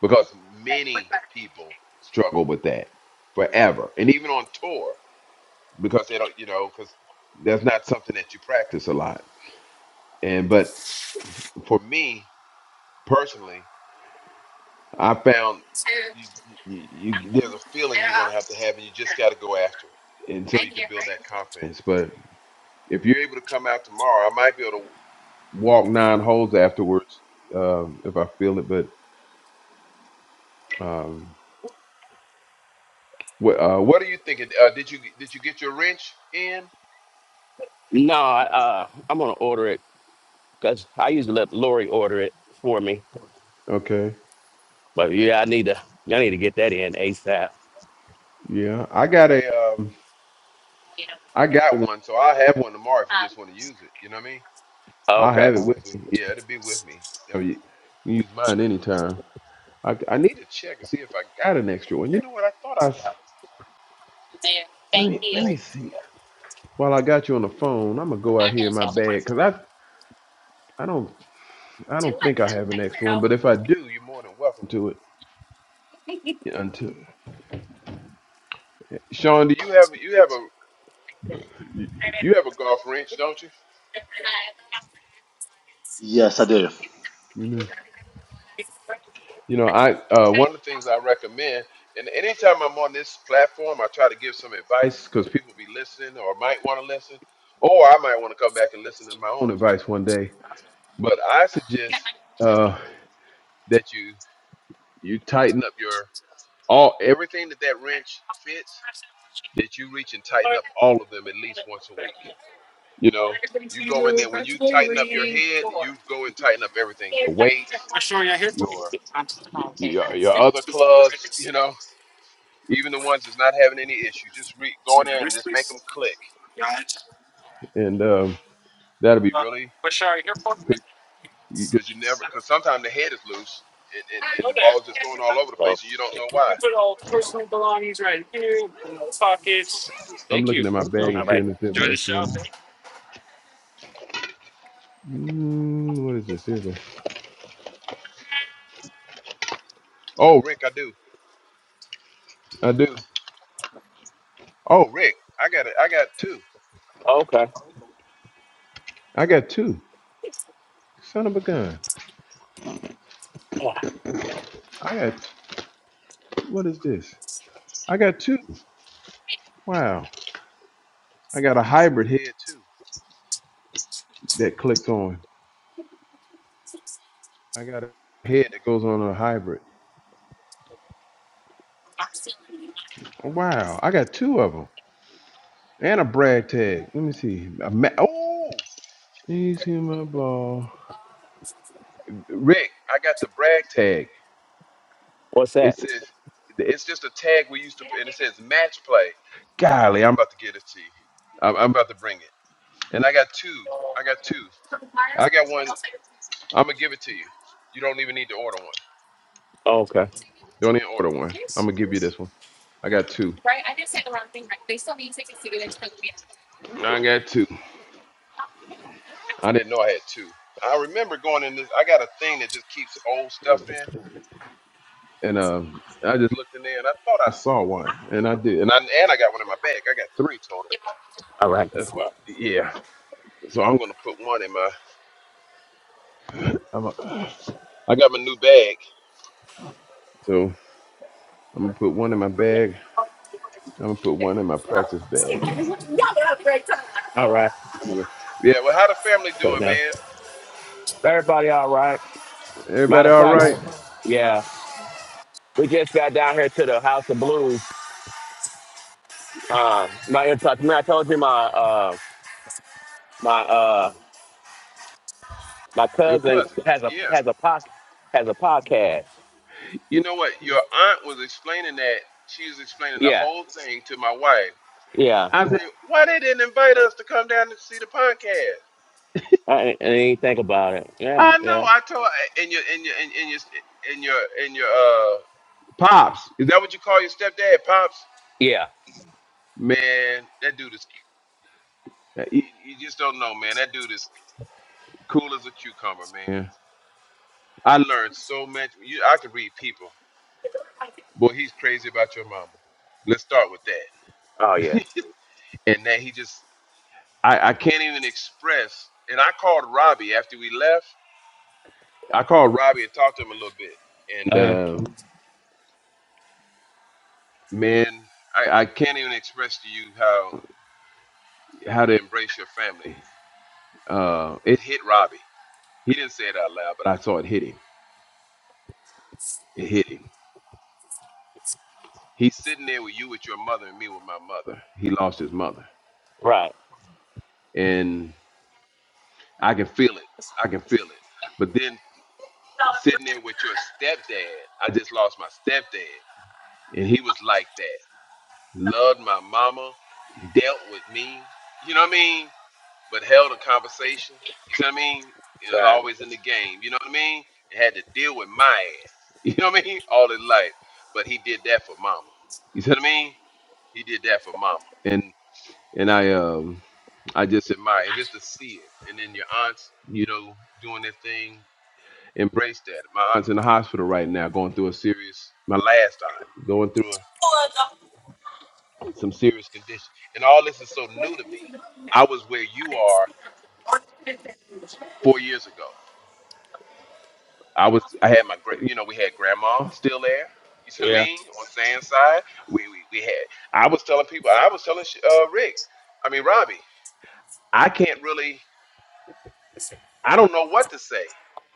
Speaker 2: because many people struggle with that forever and even on tour because they don't you know because that's not something that you practice a lot and but for me personally i found you, you, you there's a feeling you're going to have to have and you just got to go after it until you can build that confidence but if you're able to come out tomorrow i might be able to walk nine holes afterwards um, if i feel it but um, What uh, What are you thinking? Uh, did you did you get your wrench in?
Speaker 3: No, I, uh, I'm gonna order it because I used to let Lori order it for me.
Speaker 2: Okay,
Speaker 3: But yeah, I need to. I need to get that in ASAP.
Speaker 2: yeah, I got a um, I got one. so I will have one tomorrow if you just want to use it. You know what I mean? I will
Speaker 3: Okay.
Speaker 2: have it with me. yeah, it'll be with me. So Yep. you know, you can use mine anytime. I, I need to check and see if I got an extra one. You know what? I thought I s- let me let me see. While I got you on the phone, I'm gonna go out here in my bag because I I don't I don't think I have an extra one. But if I do, you're more than welcome to it. Yeah, Until Sean, do you have you have a? You you have a golf range, don't you? You know. You know, I uh, one of the things I recommend, and anytime I'm on this platform, I try to give some advice because people be listening or might want to listen, or I might want to come back and listen to my own advice one day. But I suggest uh, that you you tighten up your all everything that that wrench fits. That you reach and tighten up all of them at least once a week. You know, you go in there when you tighten up your head, you go and tighten up everything. Your weight, your Y- Your, your other clubs, you know, even the ones that's not having any issues, just re- go in there and just make them click, and um, that'll be really because you never because sometimes the head is loose and, and, and the ball's just going all over the
Speaker 3: Well,
Speaker 2: place and you don't know why. I'm looking at my bag
Speaker 3: all
Speaker 2: and
Speaker 3: right.
Speaker 2: seeing if there's an extra one. Mm, what is this? Here's a- Oh, Rick, I do, I do. Oh, Rick, I got it. I got two.
Speaker 3: Okay.
Speaker 2: I got two. Son of a gun. I got what is this? I got two. Wow. I got a hybrid head too that clicks on. I got a head that goes on a hybrid. Oh, wow, I got two of them and a brag tag. Let me see. A ma- oh, you see my ball, Rick? I got the brag tag.
Speaker 3: What's
Speaker 2: It
Speaker 3: that?
Speaker 2: says it's just a tag we used to put, and it says match play. Golly, I'm about to get it to you. I'm, I'm about to bring it. And I got two. I got two. I got one. I'm gonna give it to you. You don't even need to order one.
Speaker 3: Okay.
Speaker 2: You don't need to order one. I'm gonna give you this one. I got two. I got two. I didn't know I had two. I remember going in this. I got a thing that just keeps old stuff
Speaker 3: All
Speaker 2: in, and um, I just looked in there and I thought I saw one, and I did, and I and I got one in my bag. I got three total.
Speaker 3: right.
Speaker 2: That's why. Yeah. So I'm gonna put one in my. I'm a, I got my new bag, so I'm gonna put one in my bag. I'm gonna put one in my practice bag.
Speaker 3: All right.
Speaker 2: Anyway, yeah. Well, how the family
Speaker 3: So
Speaker 2: doing,
Speaker 3: now,
Speaker 2: man?
Speaker 3: everybody, all right. Matter
Speaker 2: Everybody
Speaker 3: of
Speaker 2: all
Speaker 3: fact,
Speaker 2: right?
Speaker 3: yeah, we just got down here to the House of Blues. Uh, my, I told you my. Uh, my uh my
Speaker 2: Your
Speaker 3: cousin
Speaker 2: cousin?
Speaker 3: has a
Speaker 2: Yeah.
Speaker 3: has a pod, has a podcast.
Speaker 2: You know what? Your aunt was explaining that. She was explaining the
Speaker 3: Yeah,
Speaker 2: whole thing to my wife.
Speaker 3: yeah.
Speaker 2: I said, why they didn't invite us to come down and see the podcast?
Speaker 3: I, didn't- I didn't even think about it. Yeah,
Speaker 2: I know.
Speaker 3: yeah,
Speaker 2: I told in your in your in, in your in your in your uh pops. Is that what you call your stepdad, pops?
Speaker 3: yeah.
Speaker 2: Man, that dude is. You, you just don't know, man. That dude is cool as a cucumber, man. Yeah. I learned so much. You, I can read people. Boy, he's crazy about your mama. Let's start with that.
Speaker 3: Oh yeah.
Speaker 2: And then he just, I, I can't even express. And I called Robbie after we left. I called Robbie and talked to him a little bit. and.
Speaker 3: Uh,
Speaker 2: uh, man I, I can't even express to you how how to embrace your family uh it hit robbie he didn't say it out loud but i saw it hit him it hit him he's sitting there with you with your mother and me with my mother he lost his mother
Speaker 3: right.
Speaker 2: and i can feel it i can feel it but then sitting there with your stepdad i just lost my stepdad and he was like that loved my mama dealt with me you know what i mean but held a conversation. You see what I mean? And was
Speaker 3: Right.
Speaker 2: always in the game. You know what I mean? And had to deal with my ass. You know what I mean? All his life. But he did that for mama. You see what I mean? He did that for mama. And and I um I just admire and just to see it. And then your aunts, you know, doing their thing, embrace that. My aunt's in the hospital right now, going through a serious my last aunt, going through a, some serious condition. And all this is so new to me. I was where you are four years ago. I was I had my great you know, we had grandma still there. You see what I
Speaker 3: Yeah.
Speaker 2: mean? On Sam's side. We we, we had I was telling people I was telling uh Rick, I mean Robbie, I can't really I don't know what to say.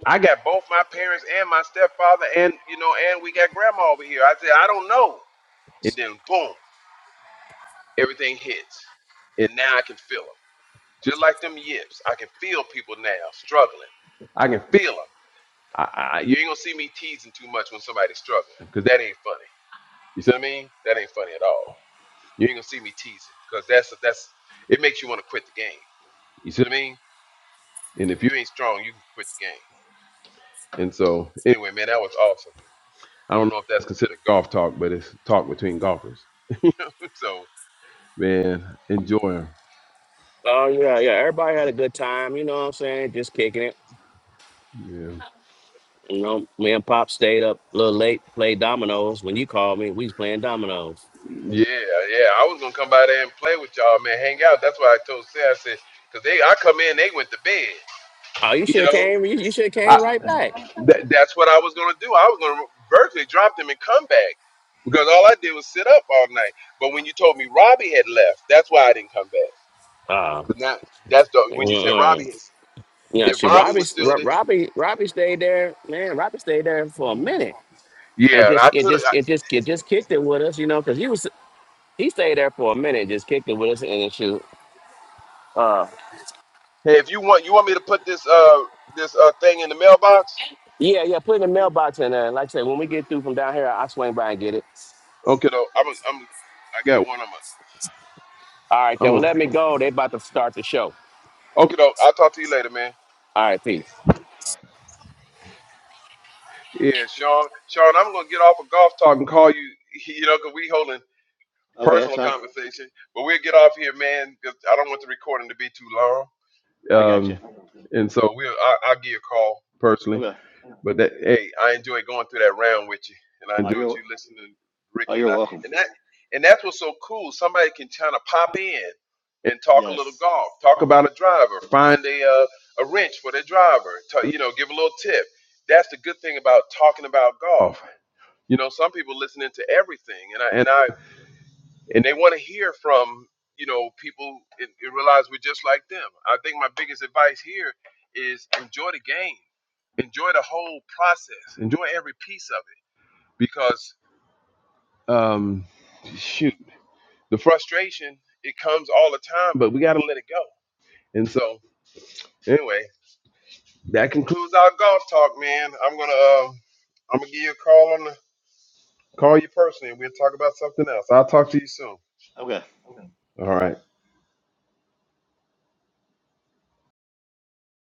Speaker 2: I got both my parents and my stepfather and you know, and we got grandma over here. I said, I don't know. And then boom, everything hits. And now I can feel them. Just like them yips. I can feel people now struggling. I can feel them. I, I, you ain't gonna see me teasing too much when somebody's struggling, because that ain't funny. You see what I mean? That ain't funny at all. You ain't gonna see me teasing because that's that's it makes you want to quit the game. You see what I mean? And if you ain't strong, you can quit the game. And so anyway, man, that was awesome. I don't know if that's considered golf talk, but it's talk between golfers. so man, enjoy 'em.
Speaker 3: Oh yeah, yeah. Everybody had a good time. You know what I'm saying? Just kicking it.
Speaker 2: Yeah,
Speaker 3: You know, me and Pop stayed up a little late, played dominoes. When you called me, we was playing dominoes.
Speaker 2: yeah, yeah. I was gonna come by there and play with y'all, man, hang out. That's why I told Sarah, I said, because they, I come in, they went to bed.
Speaker 3: Oh, you should
Speaker 2: You
Speaker 3: have
Speaker 2: know,
Speaker 3: came. You, you should have came
Speaker 2: I,
Speaker 3: right back.
Speaker 2: That, that's what I was gonna do. I was gonna virtually drop them and come back because all I did was sit up all night. But when you told me Robbie had left, that's why I didn't come back.
Speaker 3: Uh,
Speaker 2: But now that's the
Speaker 3: mm,
Speaker 2: when you said Robbie,
Speaker 3: mm.
Speaker 2: is-
Speaker 3: yeah.
Speaker 2: if
Speaker 3: She
Speaker 2: Robbie
Speaker 3: Robbie,
Speaker 2: was still
Speaker 3: Ro-
Speaker 2: there,
Speaker 3: Robbie, Robbie stayed there. Man, Robbie stayed there for a minute. and
Speaker 2: yeah,
Speaker 3: just
Speaker 2: I
Speaker 3: it
Speaker 2: could have.
Speaker 3: just it just it just kicked it with us, you know, because he was he stayed there for a minute, just kicked it with us and then shoot. Uh,
Speaker 2: Hey, if you want, you want me to put this uh this uh thing in the mailbox?
Speaker 3: yeah, yeah, put it in the mailbox and uh, like I said, when we get through from down here, I swing by and get it.
Speaker 2: Okay, though. I'm a, I'm I got one. I'm
Speaker 3: All right, then
Speaker 2: a, I'm
Speaker 3: well,
Speaker 2: a
Speaker 3: let me go. They about to start the show.
Speaker 2: okay though. I'll talk to you later, man.
Speaker 3: All right, peace.
Speaker 2: Yeah, Sean, Sean, I'm gonna get off of golf talk and call you. You know, 'cause we holding.
Speaker 1: Okay, that's
Speaker 2: personal
Speaker 1: fine.
Speaker 2: conversation. But we'll get off here, man, because I don't want the recording to be too long.
Speaker 1: I got you.
Speaker 2: Um, and so we'll I, I'll give you a call personally.
Speaker 1: Okay.
Speaker 2: But that hey, I enjoy going through that round with you, and I
Speaker 1: Oh,
Speaker 2: enjoyed
Speaker 1: you're
Speaker 2: you listening, to
Speaker 1: oh,
Speaker 2: Ricky and
Speaker 1: you're
Speaker 2: I,
Speaker 1: welcome.
Speaker 2: and that and that's what's so cool. Somebody can kind of pop in and talk a little
Speaker 1: Yes.
Speaker 2: golf, talk about a driver, find a uh, a wrench for their driver, ta- you know, give a little tip. That's the good thing about talking about golf. You know, some people listening to everything, and I and I and they want to hear from you know people and, and realize we're just like them. I think my biggest advice here is enjoy the game, enjoy the whole process, enjoy every piece of it because um, shoot, the frustration it comes all the time, but we got to let it go. And so anyway, that concludes our golf talk, man. I'm gonna um, I'm gonna give you a call on the call you personally, and we'll talk about something else. I'll talk to you soon.
Speaker 1: Okay.
Speaker 2: All right.